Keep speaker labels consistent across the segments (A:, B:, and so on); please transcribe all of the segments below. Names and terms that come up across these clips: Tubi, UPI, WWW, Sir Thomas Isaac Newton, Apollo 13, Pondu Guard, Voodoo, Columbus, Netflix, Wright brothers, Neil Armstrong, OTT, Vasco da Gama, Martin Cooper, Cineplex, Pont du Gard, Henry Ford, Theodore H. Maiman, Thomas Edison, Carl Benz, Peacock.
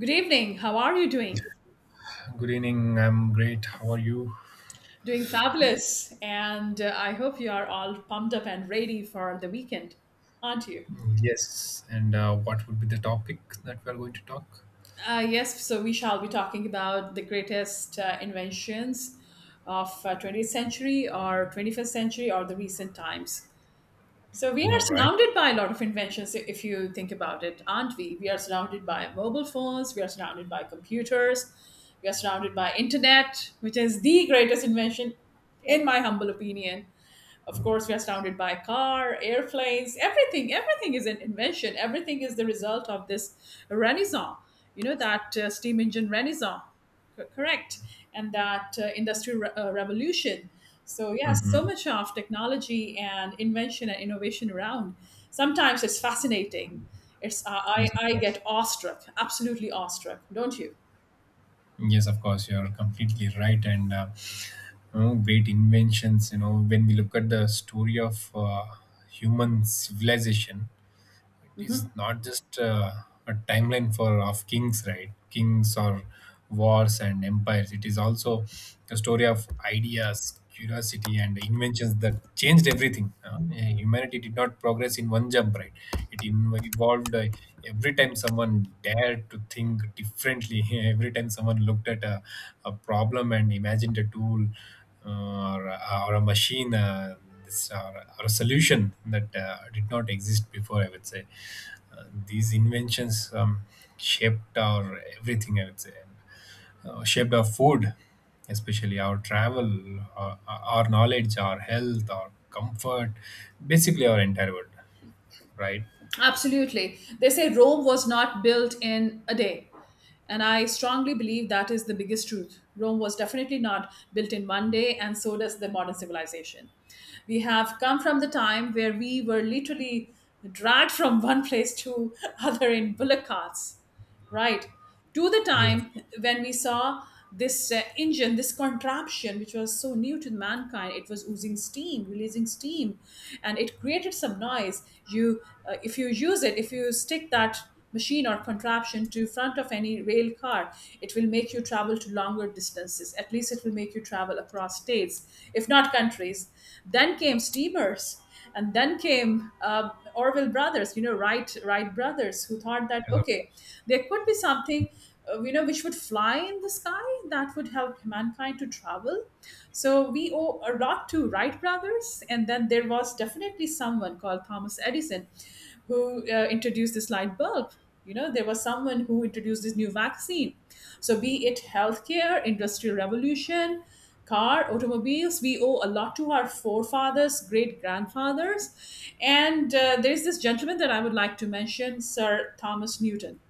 A: Good evening. How are you doing?
B: Good evening. I'm great. How are you?
A: Doing fabulous. And I hope you are all pumped up and ready for the weekend, aren't you?
B: Yes. And what would be the topic that we're going to talk?
A: Yes, so we shall be talking about the greatest inventions of 20th century or 21st century or the recent times. So we are
B: All right.
A: surrounded by a lot of inventions if you think about it, aren't we? We are surrounded by mobile phones, we are surrounded by computers, we are surrounded by internet, which is the greatest invention in my humble opinion. Of course, we are surrounded by car, airplanes, everything. Everything is an invention. Everything is the result of this renaissance. You know that steam engine renaissance, correct? And that industrial revolution. So yeah, so
B: Mm-hmm.
A: much of technology and invention and innovation around. Sometimes it's fascinating. It's uh, I
B: Yes, of
A: I get
B: course.
A: awestruck, absolutely awestruck. Don't you?
B: Yes, of course. You're completely right. Great inventions. You know, when we look at the story of human civilization, it is
A: Mm-hmm.
B: not just a timeline for of kings, right? Kings or wars and empires. It is also a story of ideas, curiosity, and inventions that changed everything. Yeah, humanity did not progress in one jump, right? It evolved. Every time someone dared to think differently, every time someone looked at a problem and imagined a tool or a machine, are a solution that did not exist before, I would say. These inventions shaped our everything, I would say, and shaped our food, especially our travel, our knowledge, our health, our comfort, basically our entire world, right?
A: Absolutely. They say Rome was not built in a day. And I strongly believe that is the biggest truth. Rome was definitely not built in one day, and so does the modern civilization. We have come from the time where we were literally dragged from one place to other in bullock carts, right, to the
B: Yes, of
A: time
B: course.
A: when we saw this engine, this contraption which was so new to mankind. It was oozing steam, releasing steam, and it created some noise. You If you use it, if you stick that machine or contraption to front of any rail car, it will make you travel to longer distances. At least it will make you travel across states, if not countries. Then came steamers, and then came Orville brothers, you know, Wright brothers, who thought that
B: Yes, of
A: okay,
B: course.
A: there could be something, you know, which would fly in the sky, that would help mankind to travel. So we owe a lot to Wright brothers. And then there was definitely someone called Thomas Edison, who introduced this light bulb. You know, there was someone who introduced this new vaccine. So, be it healthcare, industrial revolution, car, automobiles, we owe a lot to our forefathers, great grandfathers. And there's this gentleman that I would like to mention, Sir Thomas Newton,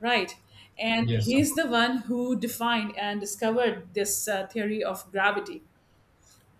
A: right? And
B: Yes, of
A: he's
B: course.
A: the one who defined and discovered this theory of gravity.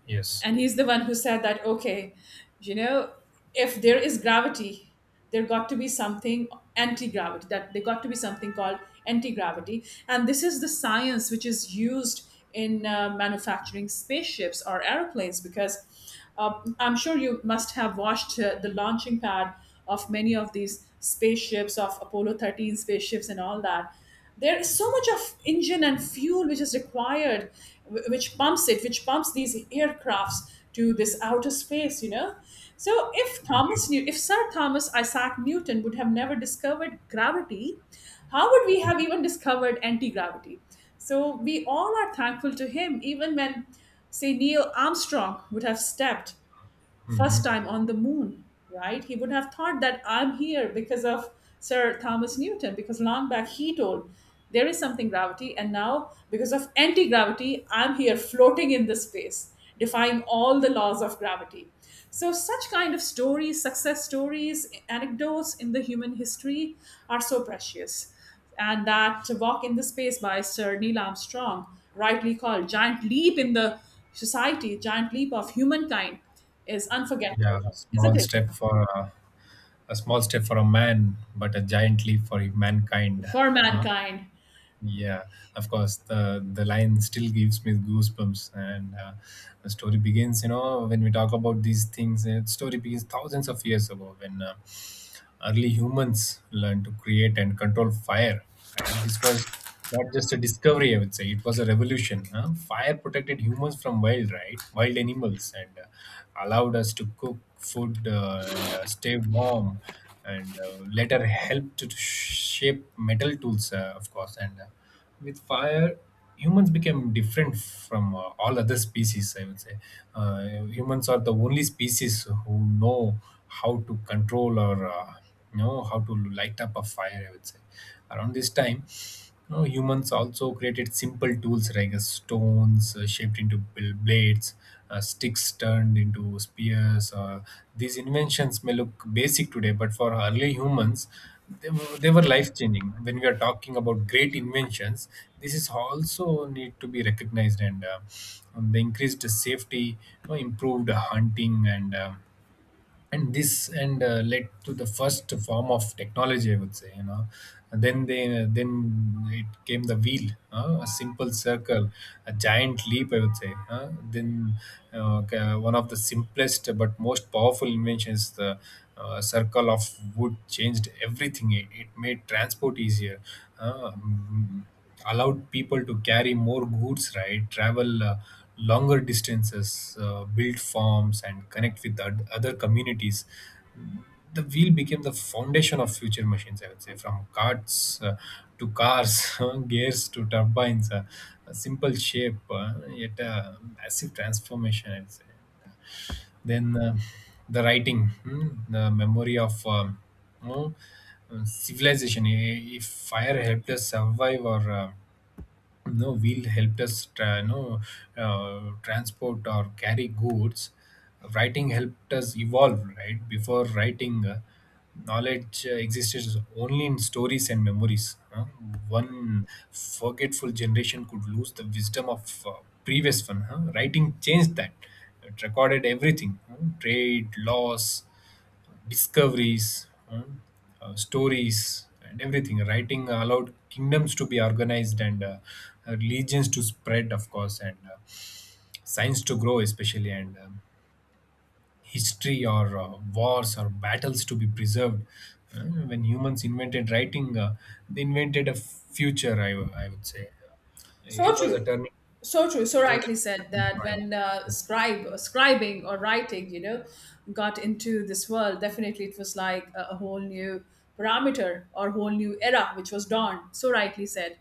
B: Yes.
A: And he's the one who said that okay, you know, if there is gravity, there got to be something anti-gravity, that there got to be something called anti-gravity. And this is the science which is used in manufacturing spaceships or airplanes, because uh, I'm sure you must have watched the launching pad of many of these spaceships, of Apollo 13 spaceships, and all that. There is so much of engine and fuel which is required, which pumps it, which pumps these aircrafts to this outer space, you know. So if if Sir Thomas Isaac Newton would have never discovered gravity, how would we have even discovered anti-gravity? So we all are thankful to him. Even when Say Neil Armstrong would have stepped first
B: Mm-hmm.
A: time on the moon, right? He would have thought that I'm here because of Sir Thomas Newton, because long back he told there is something gravity, and now because of anti gravity, I'm here floating in the space, defying all the laws of gravity. So, such kind of stories, success stories, anecdotes in the human history are so precious. And that Walk in the Space by Sir Neil Armstrong, rightly called Giant Leap in the Society, Giant Leap of Humankind, is unforgettable,
B: yeah a
A: isn't
B: small
A: it?
B: step for a, a small step for a man, but a giant leap for mankind.
A: For
B: Huh?
A: mankind.
B: Yeah, of course. The line still gives me goosebumps, and the story begins. You know, when we talk about these things, the story begins thousands of years ago when early humans learned to create and control fire. Right, this was not just a discovery. I would say it was a revolution. Huh? Fire protected humans from wild, right, wild animals, and allowed us to cook food and stay warm, and later helped to shape metal tools, of course, and with fire humans became different from all other species, I would say. uh, Humans are the only species who know how to control or know how to light up a fire, I would say. Around this time, you know, humans also created simple tools like stones shaped into blades, sticks turned into spears. These inventions may look basic today, but for early humans they were life changing. When we are talking about great inventions, this is also need to be recognized, and the increased safety, you know, improved hunting and led to the first form of technology, I would say, you know. And then it came the wheel, a simple circle, a giant leap, I would say. One of the simplest but most powerful inventions, the circle of wood, changed everything. It made transport easier, uh, allowed people to carry more goods, right? Travel longer distances, build farms, and connect with other communities. The wheel became the foundation of future machines, I would say, from carts to cars, gears to turbines, a simple shape, yet a massive transformation, I would say. Then the writing, hmm, the memory of you know, civilization. If fire helped us survive or no wheel helped us tra- no, transport or carry goods, writing helped us evolve, right? Before writing, knowledge existed only in stories and memories, huh? One forgetful generation could lose the wisdom of previous one, huh? Writing changed that. It recorded everything, huh? Trade, laws, discoveries, stories, and everything. Writing allowed kingdoms to be organized, and religions to spread, of course, and science to grow, especially, and history or wars or battles to be preserved. Uh, when humans invented writing, they invented a future, I would say.
A: So
B: It was a
A: true.
B: turning,
A: So true. So
B: it was a
A: rightly said
B: turning
A: that
B: point.
A: when scribing or writing, you know, got into this world, definitely it was like a whole new parameter or whole new era which was dawned. So rightly said.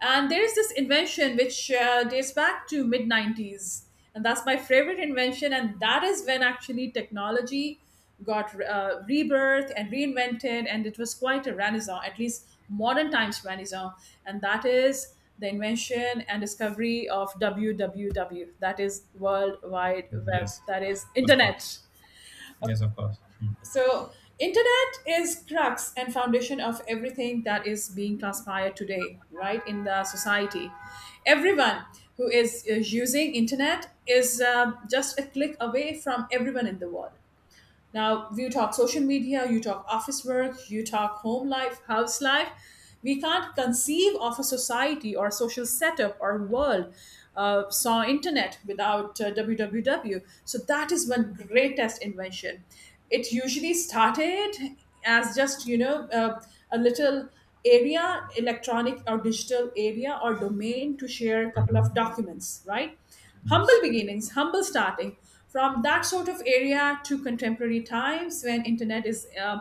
A: And there is this invention which dates back to mid 90s, and that's my favorite invention. And that is when actually technology got rebirth and reinvented, and it was quite a renaissance, at least modern times renaissance. And that is the invention and discovery of WWW, that is World Wide Web,
B: Yes,
A: that is
B: of course.
A: internet.
B: Yes, of course. Mm.
A: So, internet is crux and foundation of everything that is being transpired today, right? In the society, everyone is using internet is just a click away from everyone in the world. Now, you talk social media, you talk office work, you talk home life, house life. We can't conceive of a society or social setup or world saw internet without www. So that is one greatest invention. It usually started as just, you know, a little area, electronic or digital area or domain to share a couple
B: Mhm.
A: of documents, right? Humble
B: Yes.
A: beginnings, humble starting. From that sort of area to contemporary times when internet is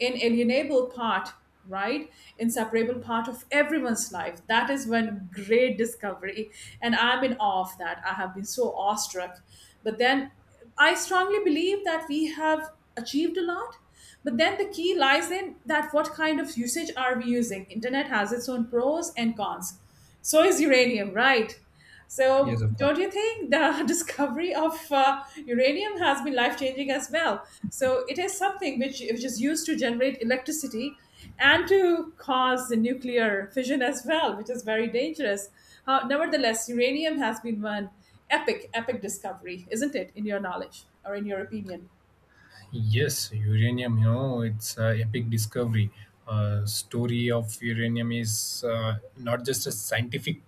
A: inalienable part, right? Inseparable part of everyone's life. That is one great discovery. And I'm in awe of that. I have been so awestruck. But then I strongly believe that we have achieved a lot. But then the key lies in that what kind of usage are we using. Internet has its own pros and cons. So is uranium, right?
B: Yes,
A: So,
B: of course.
A: don't you think the discovery of uranium has been life changing as well? So, it is something which is used to generate electricity and to cause the nuclear fission as well, which is very dangerous. How nevertheless, uranium has been one epic, epic discovery, isn't it, in your knowledge or in your opinion?
B: Yes, uranium, you know, it's a epic discovery. Story of uranium is not just a scientific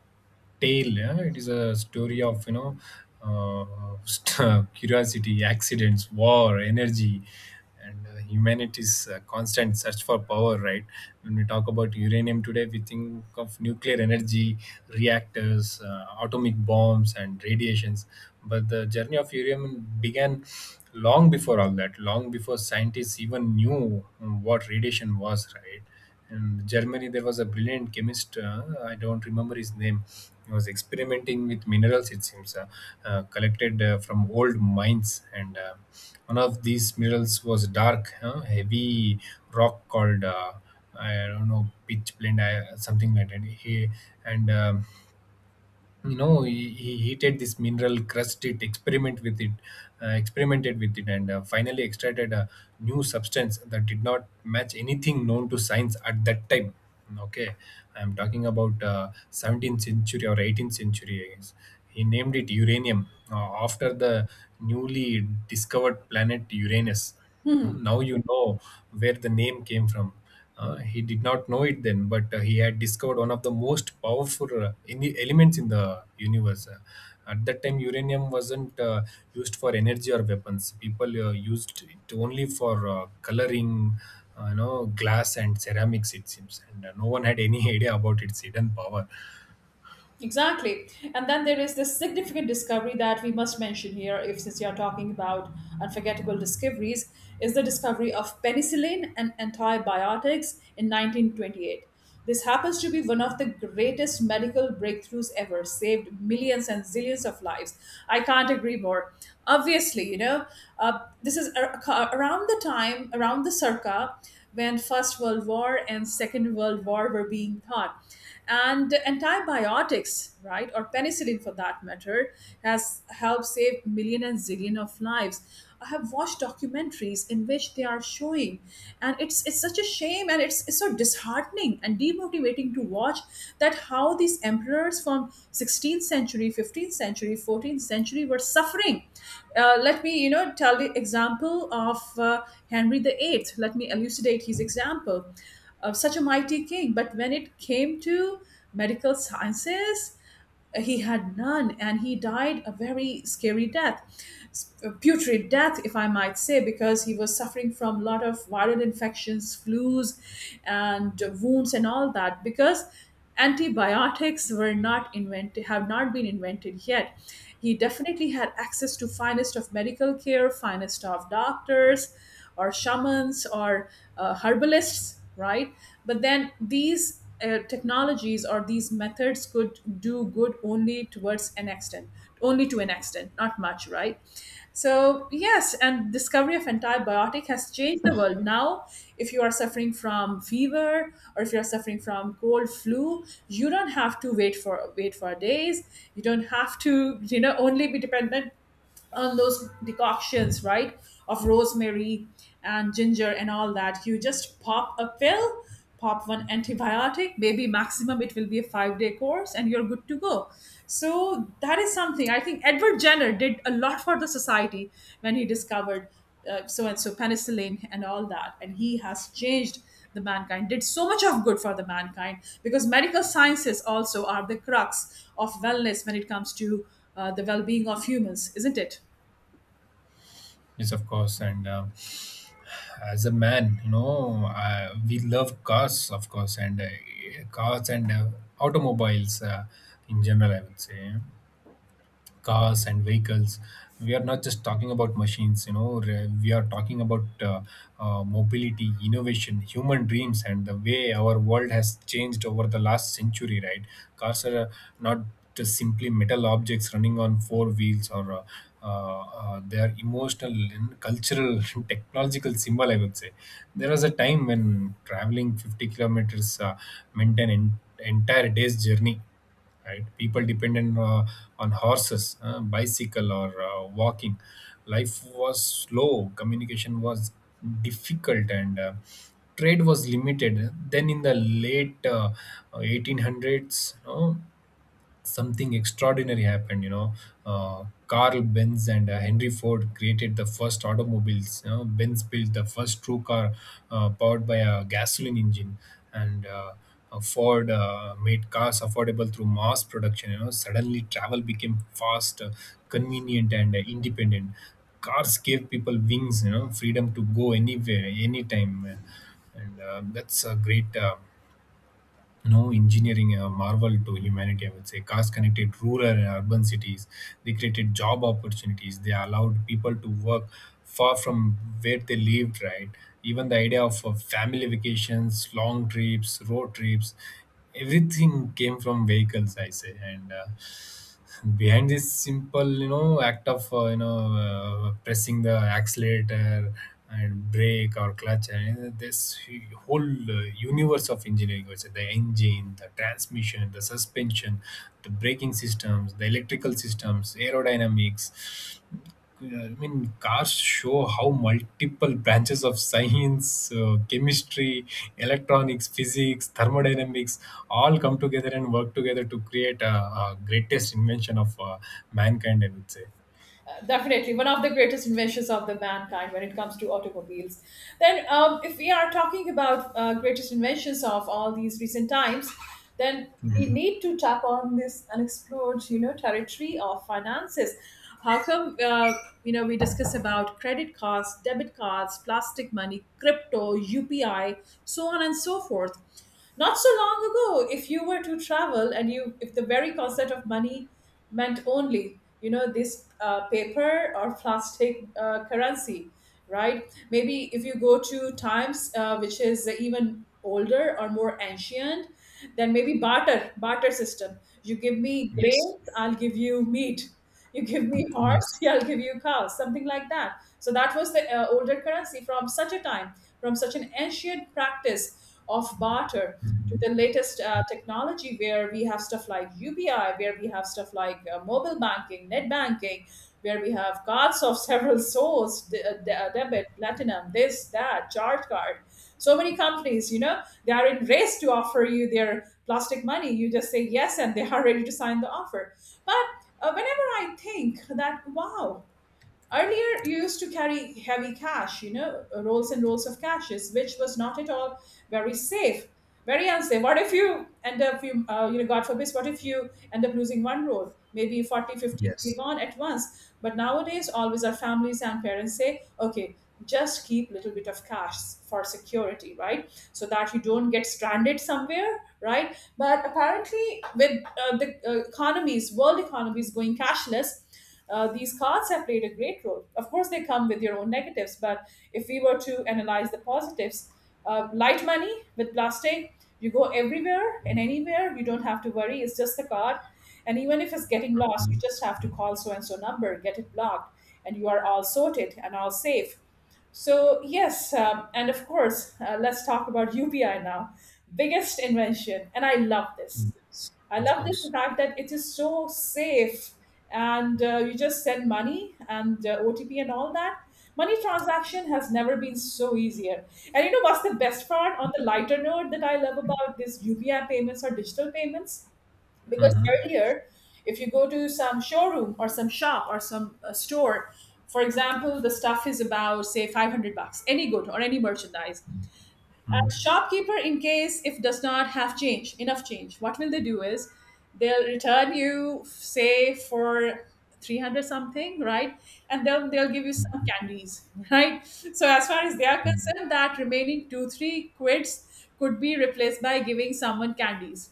B: tale, yeah? It is a story of, you know, curiosity, accidents, war, energy, and humanity's constant search for power, right? When we talk about uranium today, we think of nuclear energy, reactors, atomic bombs, and radiations. But the journey of uranium began long before all that, long before scientists even knew what radiation was, right? And Germany, there was a brilliant chemist. I don't remember his name. He was experimenting with minerals. It seems collected from old mines, and one of these minerals was dark, heavy rock called I don't know, pitch blend, I, something like that. He and you know, he heated this mineral, crushed it, experimented with it, and finally extracted a new substance that did not match anything known to science at that time. Okay, I'm talking about 17th century or 18th century, I guess. He named it uranium after the newly discovered planet Uranus. Mm, now you know where the name came from. He did not know it then, but he had discovered one of the most powerful in the elements in the universe. At that time, uranium wasn't used for energy or weapons. People used it only for coloring, you know, glass and ceramics. It seems, and no one had any idea about its hidden power.
A: Exactly. And then there is this significant discovery that we must mention here, if since you're talking about unforgettable discoveries, is the discovery of penicillin and antibiotics in 1928. This happens to be one of the greatest medical breakthroughs ever, saved millions and zillions of lives. I can't agree more. Obviously, you know, this is around the time, around the circa, when First World War and Second World War were being taught. And antibiotics, right, or penicillin for that matter, has helped save million and zillion of lives. I have watched documentaries in which they are showing, and it's such a shame, and it's so disheartening and demotivating to watch that how these emperors from 16th century, 15th century, 14th century were suffering. Let me, you know, tell the example of Henry the Eighth. Let me elucidate his example. Such a mighty king. But when it came to medical sciences, he had none, and he died a very scary death, a putrid death, if I might say, because he was suffering from a lot of viral infections, flus and wounds and all that, because antibiotics were not invented, have not been invented yet. He definitely had access to finest of medical care, finest of doctors or shamans or herbalists, right? But then these technologies or these methods could do good only towards an extent, only to an extent, not much, right? So, yes, and discovery of antibiotic has changed the world. Now, if you are suffering from fever or if you are suffering from cold flu, you don't have to wait for days. You don't have to, you know, only be dependent on those decoctions, right, of rosemary and ginger and all that. You just pop a pill, pop one antibiotic, maybe maximum it will be a 5 day course, and you're good to go. So that is something I think Edward Jenner did a lot for the society when he discovered so and so penicillin and all that, and he has changed the mankind, did so much of good for the mankind, because medical sciences also are the crux of wellness when it comes to the well-being of humans, isn't it?
B: Yes, of course. And as a man, you know, we love cars, of course, and cars and automobiles in general. I would say. Cars and vehicles, we are not just talking about machines, you know. We are talking about mobility, innovation, human dreams, and the way our world has changed over the last century, right? Cars are not just simply metal objects running on four wheels or they are emotional and cultural technological symbol, I would say. There was a time when traveling 50 kilometers meant an entire day's journey, right? People dependent on horses, bicycle, or walking. Life was slow, communication was difficult, and trade was limited. Then in the late 1800s, you know, something extraordinary happened. You know, Carl Benz and Henry Ford created the first automobiles. You know, Benz built the first true car powered by a gasoline engine, and Ford made cars affordable through mass production. You know, suddenly travel became fast, convenient, and independent. Cars gave people wings. You know, freedom to go anywhere, anytime, and that's a great. No engineering a marvel to humanity, I would say. Cars connected rural and urban cities, they created job opportunities, they allowed people to work far from where they lived, right? Even the idea of family vacations, long trips, road trips, everything came from vehicles, I say. And behind this simple, you know, act of pressing the accelerator and brake or clutch, and this whole universe of engineering, which is the engine, the transmission, the suspension, the braking systems, the electrical systems, aerodynamics. Yeah, I mean, cars show how multiple branches of science, chemistry, electronics, physics, thermodynamics all come together and work together to create a greatest invention of mankind, I would say.
A: Definitely one of the greatest inventions of the mankind. When it comes to automobiles, then if we are talking about greatest inventions of all these recent times, then we
B: Mhm.
A: need to tap on this unexplored, you know, territory of finances. How come, you know, we discuss about credit cards, debit cards, plastic money, crypto, upi, so on and so forth. Not so long ago, if you were to travel and you, if the very concept of money meant only, you know, this paper or plastic currency, right? Maybe if you go to times which is even older or more ancient, then maybe barter, barter system. You give me
B: Yes.
A: grains, I'll give you meat, you give me horse,
B: Yes.
A: I'll give you cow, something like that. So that was the older currency. From such a time, from such an ancient practice of barter, to
B: Mhm.
A: the latest technology where we have stuff like UPI, where we have stuff like mobile banking, net banking, where we have cards of several sorts, debit, platinum, this, that, charge card. So many companies, you know, they are in race to offer you their plastic money. You just say yes, and they are ready to sign the offer. But whenever I think that, wow, earlier, you used to carry heavy cash, you know, rolls and rolls of cashes, which was not at all very safe, very unsafe. What if you end up, God forbid, what if you end up losing one roll, maybe 40, 50
B: Yes.
A: gone at once? But nowadays, always our families and parents say, okay, just keep little bit of cash for security, right? So that you don't get stranded somewhere, right? But apparently, with the economies, world economies going cashless, these cards have played a great role. Of course, they come with your own negatives, but if we were to analyze the positives, light money with plastic, you go everywhere and anywhere. You don't have to worry. It's just the card. And even if it's getting lost, you
B: Mhm.
A: just have to call so and so number, get it blocked, and you are all sorted and all safe. So, yes, and of course, let's talk about UPI now. Biggest invention, and I love this.
B: Yes,
A: I
B: of
A: love this
B: course.
A: fact that it is so safe and you just send money and OTP and all that. Money transaction has never been so easier. And you know what's the best part on the lighter note that I love about this UPI payments or digital payments? Because
B: Mhm.
A: earlier, if you go to some showroom or some shop or some store, for example, the stuff is about say 500 bucks, any good or any merchandise. And shopkeeper, in case if does not have change, enough change, what will they do is they'll return you, say, for 300 something, right? And then they'll give you some candies, right? So as far as they are
B: Mhm.
A: concerned, that remaining two, three quids could be replaced by giving someone candies,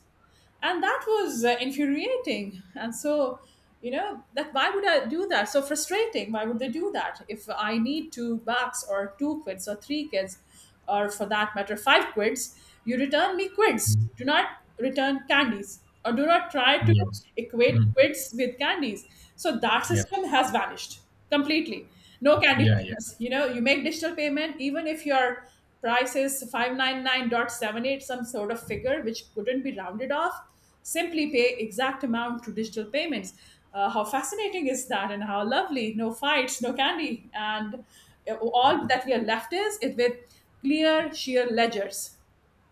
A: and that was infuriating. And so, you know, that why would I do that, so frustrating, why would they do that? If I need 2 bucks or two quids or three quids, or for that matter five quids, you return me quids. Do not return candies, or do not try to
B: Yes.
A: equate
B: Mm.
A: quids with candies. So that
B: Yeah, of
A: system
B: course.
A: has vanished completely. No candy
B: Yeah, yeah.
A: business, you know, you make digital payment even if you're price is 599.78, some sort of figure which couldn't be rounded off, simply pay exact amount to digital payments. How fascinating is that, and how lovely, no fights, no candy, and all that we are left is it with clear sheer ledgers,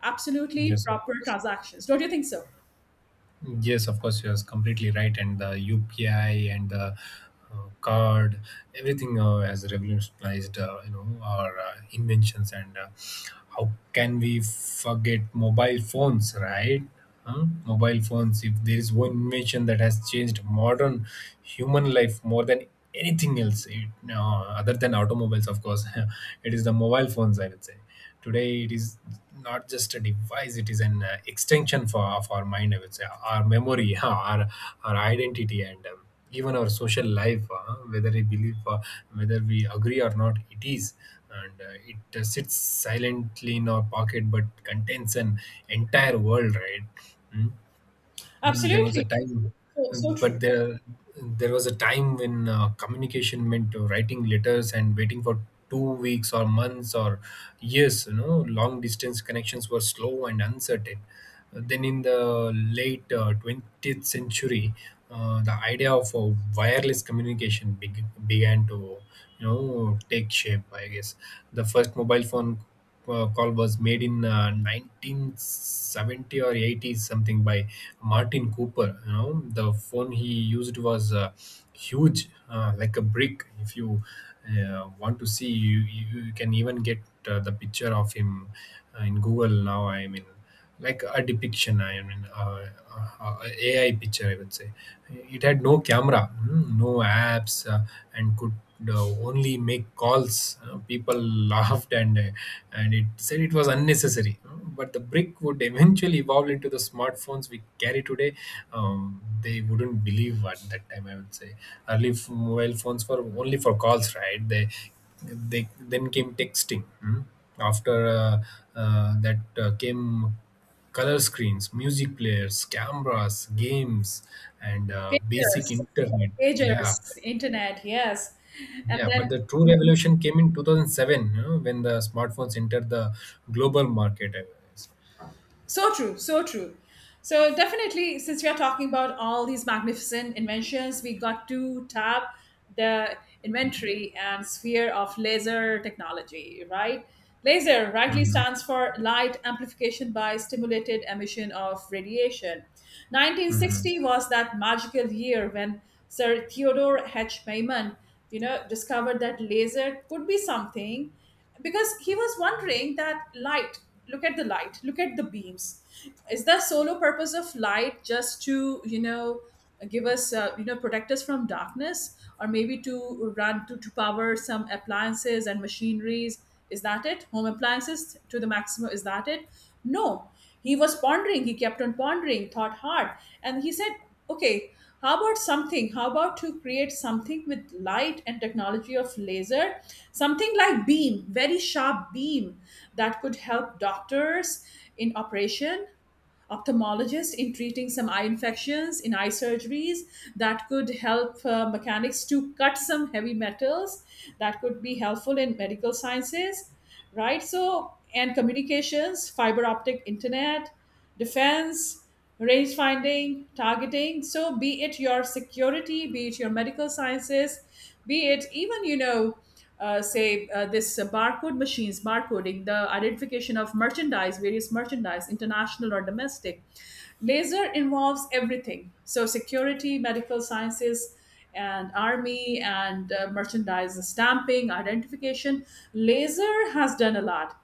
A: absolutely
B: Yes, of
A: proper
B: course.
A: transactions, don't you think so?
B: Yes, of course, you're completely right. And the UPI and the card, everything has revolutionized, you know, our inventions. And how can we forget mobile phones, right? Huh? Mobile phones. If there is one invention that has changed modern human life more than anything else, other than automobiles, of course, it is the mobile phones. I would say today it is not just a device, it is an extension for of our mind, I would say, our memory, our identity, and even our social life. Whether we agree or not, it is. And it sits silently in our pocket but contains an entire world, right? Mm. Mm, there was a
A: Absolutely,
B: time
A: so, so true.
B: but there there was a time when communication meant writing letters and waiting for 2 weeks or months or years. You know, long distance connections were slow and uncertain. Then, in the late 20th century, the idea of wireless communication began to, you know, take shape. I guess the first mobile phone call was made in 1970 or 80 something by Martin Cooper. You know, the phone he used was huge, like a brick. If you want to see, you can even get the picture of him in Google now. I mean like a depiction. Uh, uh, AI picture, I would say. It had no camera, no apps, and could only make calls. People laughed and it said it was unnecessary. Mm, but the brick would eventually evolve into the smartphones we carry today. um, they wouldn't believe at that time, I would say. Mobile phones were only for calls, right? They then came texting. After that came color screens, music players, cameras, games, and
A: Pagers,
B: basic internet.
A: pagers,
B: Yeah,
A: internet, yes, and
B: yeah.
A: then
B: But the true revolution came in 2007, you know, when the smartphones entered the global market, I guess.
A: so true, so true. So definitely, since we are talking about all these magnificent inventions, we got to tap the inventory and sphere of laser technology, right? Laser rightly
B: Mm-hmm.
A: stands for light amplification by stimulated emission of radiation.
B: Mm-hmm.
A: 1960 was that magical year when Sir Theodore H. Maiman, you know, discovered that laser could be something because he was wondering that light, look at the light, look at the beams, is the solo purpose of light just to, you know, give us you know, protect us from darkness, or maybe to run to power some appliances and machineries? Is that it? Home appliances to the maximum, is that it? No, he was pondering, he kept on pondering, thought hard, and he said, okay, how about something? How about to create something with light and technology of laser? Something like beam, very sharp beam that could help doctors in operation, ophthalmologists in treating some eye infections, in eye surgeries, that could help mechanics to cut some heavy metals, that could be helpful in medical sciences, right, so, and communications, fiber optic internet, defense, range finding, targeting. So be it your security, be it your medical sciences, be it even, you know, say this barcode machines, barcoding, the identification of merchandise, various merchandise, international or domestic. Laser involves everything. So, security, medical sciences, and army, and merchandise stamping identification, laser has done a lot,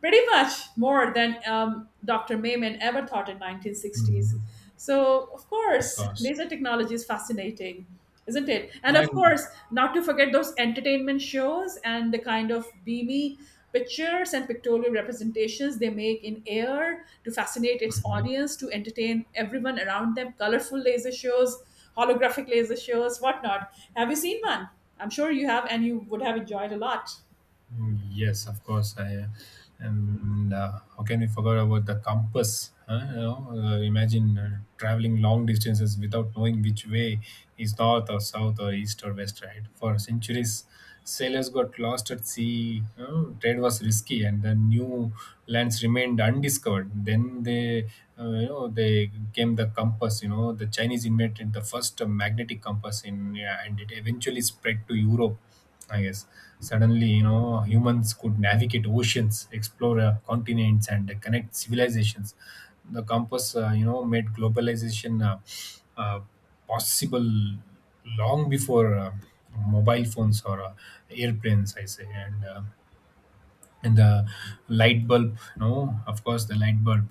A: pretty much more than Dr. Maiman ever thought in 1960s.
B: Mm-hmm.
A: So, of
B: Of
A: course,
B: course.
A: laser technology is fascinating, isn't it? And of
B: And
A: course, not to forget those entertainment shows and the kind of beamy pictures and pictorial representations they make in air to fascinate its audience, to entertain everyone around them, colorful laser shows, holographic laser shows, whatnot. Have you seen one? I'm sure you have, and you would have enjoyed a lot.
B: Mm, yes, of course. And how can we forget about the compass? Huh? You know, imagine traveling long distances without knowing which way is north or south or east or west. Right? For centuries, sailors got lost at sea. You know, trade was risky, and the new lands remained undiscovered. Then they, you know, they came the compass. You know, the Chinese invented the first magnetic compass in, yeah, and it eventually spread to Europe, I guess. Suddenly, you know, humans could navigate oceans, explore continents, and connect civilizations. The compass made globalization uh, possible long before mobile phones or airplanes, I say. And the light bulb, no, of course, the light bulb.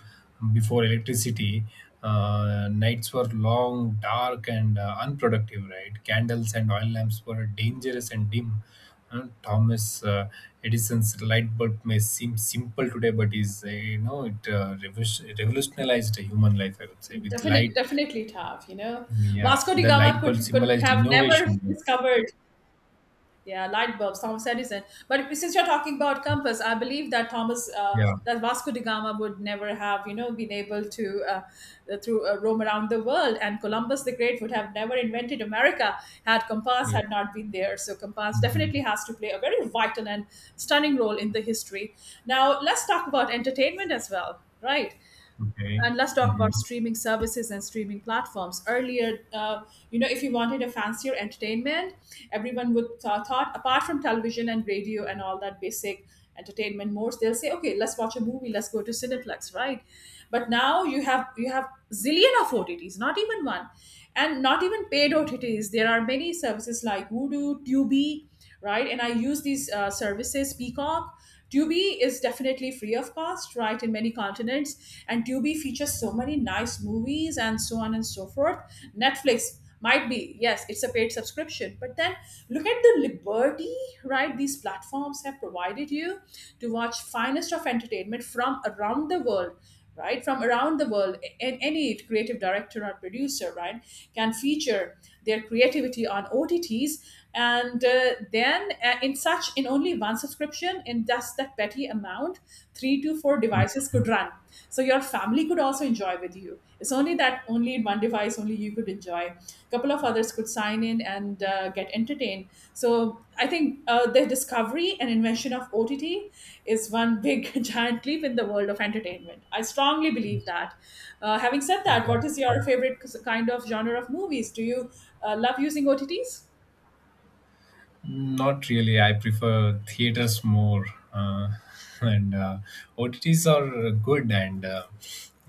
B: Before electricity, nights were long, dark, and unproductive, right? Candles and oil lamps were dangerous and dim. Uh, Thomas uh, Edison's light bulb may seem simple today, but is, you know, it revolutionized human life, I would say, with
A: Definitely,
B: light.
A: definitely tough. You know,
B: Yeah,
A: Vasco da
B: the
A: Gama
B: light bulb
A: could
B: symbolized
A: have never
B: innovation.
A: discovered, yeah, light bulbs. Thomas Edison. But since you're talking about compass, I believe that Thomas,
B: Yeah.
A: that Vasco da Gama would never have, you know, been able to through roam around the world. And Columbus the Great would have never invented America had compass
B: Yeah.
A: had not been there. So compass
B: Mhm.
A: definitely has to play a very vital and stunning role in the history. Now let's talk about entertainment as well, right?
B: Okay.
A: And let's talk about
B: Mhm.
A: streaming services and streaming platforms. Earlier, you know, if you wanted a fancier entertainment, everyone would thought apart from television and radio and all that basic entertainment modes, they'll say, okay, let's watch a movie, let's go to Cineplex, right? But now you have zillion of OTTs, not even one, and not even paid OTTs. There are many services like Voodoo, Tubi, right? And I use these services. Peacock, Tubi is definitely free of cost, right, in many continents. And Tubi features so many nice movies and so on and so forth. Netflix might be, yes, it's a paid subscription. But then look at the liberty, right, these platforms have provided you to watch finest of entertainment from around the world, right, from around the world. And any creative director or producer, right, can feature their creativity on OTTs, and then in such in only one subscription, in just that petty amount, 3 to 4 devices could run. So your family could also enjoy with you. It's only that only in one device only you could enjoy. A couple of others could sign in, dine in, and get entertained. So I think the discovery and invention of OTT is one big giant leap in the world of entertainment. I strongly believe that. Having said
B: Of
A: that,
B: course.
A: what is
B: Of
A: your
B: course.
A: favorite kind of genre of movies? Do you love using OTTs?
B: Not really. I prefer theaters more, uh, and OTTs are good, and, uh,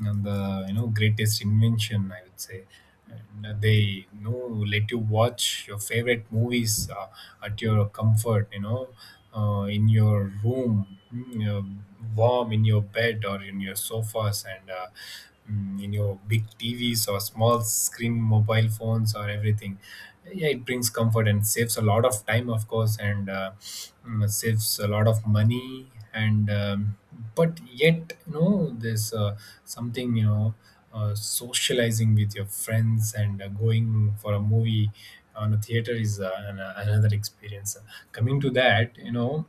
B: and the, you know, greatest invention, I would say. And they, you know, let you watch your favorite movies at your comfort. You know, in your room, mm, warm in your bed or in your sofas, in your big TVs or small screen mobile phones or everything. Yeah, it brings comfort and saves a lot of time, of course, and saves a lot of money, and but yet, you know, there's something, you know, socializing with your friends and going for a movie on a theater is another experience. Coming to that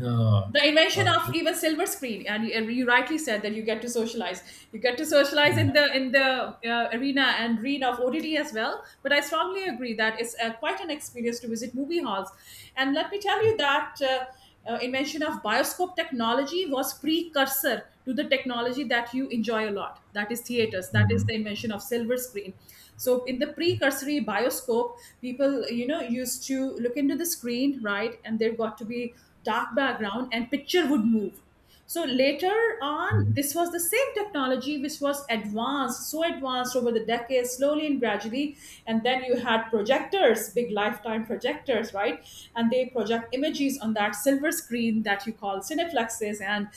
B: uh,
A: The invention
B: uh,
A: of
B: in-
A: even silver screen, and you rightly said that you get to socialize, you get to socialize in the arena, and arena of OTT as well, but I strongly agree that it's quite an experience to visit movie halls. And let me tell you that invention of bioscope technology was precursor to the technology that you enjoy a lot, that is theaters, that is
B: Mhm.
A: the invention of silver screen. So in the precursory bioscope, people, you know, used to look into the screen, right, and there got to be dark background and picture would move. So later on,
B: Mhm.
A: this was the same technology which was advanced, so advanced over the decades, slowly and gradually, and then you had projectors, big lifetime projectors, right, and they project images on that silver screen that you call cineplexes. And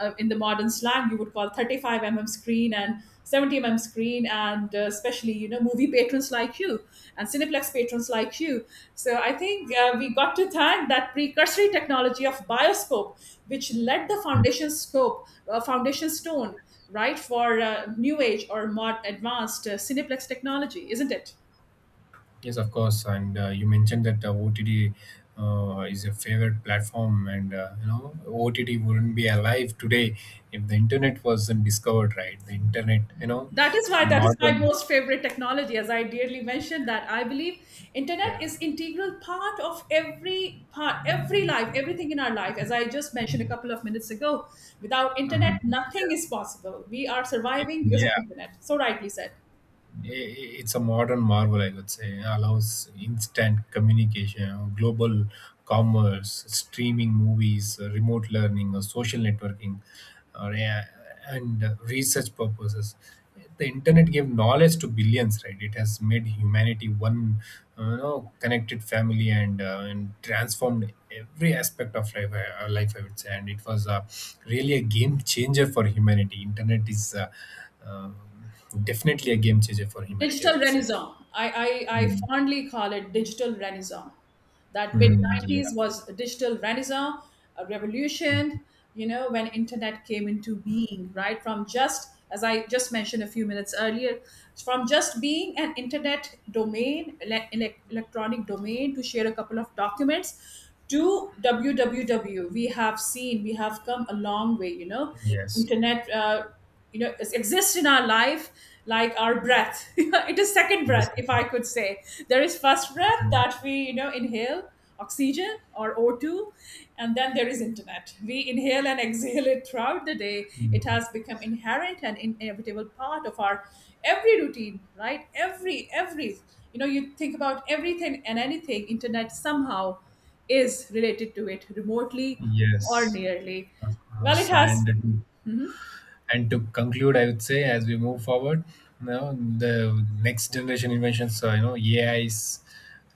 A: in the modern slang, you would call 35 mm screen and 70 mm screen, and especially, you know, movie patrons like you and cineplex patrons like you. So I think we got to thank that precursory technology of bioscope, which led the foundation scope, foundation stone, right, for new age or mod advanced cineplex technology, isn't it?
B: Yes, of course. And you mentioned that OTT is your favorite platform, and you know OTT wouldn't be alive today if the internet wasn't discovered, right? The internet, you know,
A: That is why, that is my
B: modern,
A: most favorite technology, as I dearly mentioned that I believe internet
B: yeah.
A: is integral part of every part, every life, everything in our life. As I just mentioned a couple of minutes ago, without internet,
B: Mhm.
A: nothing
B: Yeah,
A: is possible. We are surviving because of
B: yeah.
A: internet. So rightly said.
B: I- it's a modern marvel, I would say. It allows instant communication, global commerce, streaming movies, remote learning, or social networking, or yeah, and research purposes. The internet gave knowledge to billions, right? It has made humanity one, you know, connected family, and transformed every aspect of life. Life, I would say, and it was, really a game changer for humanity. Internet is, um definitely a game changer for humanity, I
A: Digital
B: would say.
A: renaissance. I
B: Mm.
A: fondly call it digital renaissance. That mid
B: Mm, yeah.
A: 90s was a digital renaissance, a revolution, you know, when internet came into being, right? From just, as I just mentioned a few minutes earlier, from just being an internet domain, electronic domain to share a couple of documents to www, we have seen, we have come a long way, you know.
B: Yes.
A: Internet, you know, it exists in our life like our breath. It is second
B: Yes,
A: breath,
B: of
A: if I
B: course.
A: could say. There is first breath
B: Mm,
A: that we, you know, inhale oxygen or O2, and then there is internet, we inhale and exhale it throughout the day. It
B: mm,
A: has become inherent and inevitable part of our every routine, right, every, you know, you think about everything and anything, internet somehow is related to it remotely or
B: yes,
A: nearly.
B: of
A: Well, it
B: course.
A: has, hmm,
B: And to conclude, I would say, as we move forward, you know, the next generation inventions, you know, AIs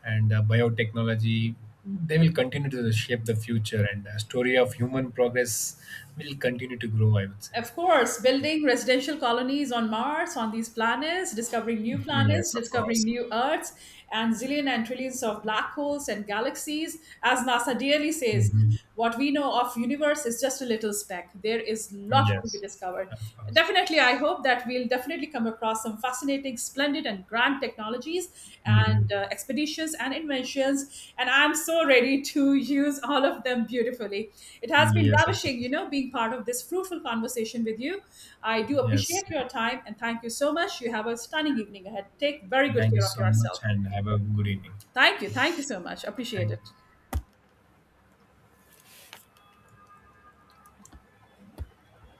B: and biotechnology, they will continue to shape the future, and the story of human progress will continue to grow, I would say.
A: of course, building residential colonies on Mars, on these planets,
B: Yes, of
A: discovering
B: course.
A: new Earths, and zillion and trillions of black holes and galaxies. As NASA dearly says,
B: Mhm.
A: what we know of universe is just a little speck. There is lot to be
B: Yes,
A: discovered.
B: of course.
A: Definitely, I hope that we'll definitely come across some fascinating, splendid, and grand technologies
B: Mhm.
A: and expeditions and inventions. And I'm so ready to use all of them beautifully. It has been
B: Yes, of
A: ravishing, you
B: course.
A: know, being part of this fruitful conversation with you. I do
B: Yes.
A: appreciate your time and thank you so much. You have a stunning evening ahead. Take very good
B: Thank you
A: care of
B: so much,
A: yourself.
B: and have a good evening.
A: Thank you. Thank you so much. Appreciate
B: Thank
A: it.
B: you.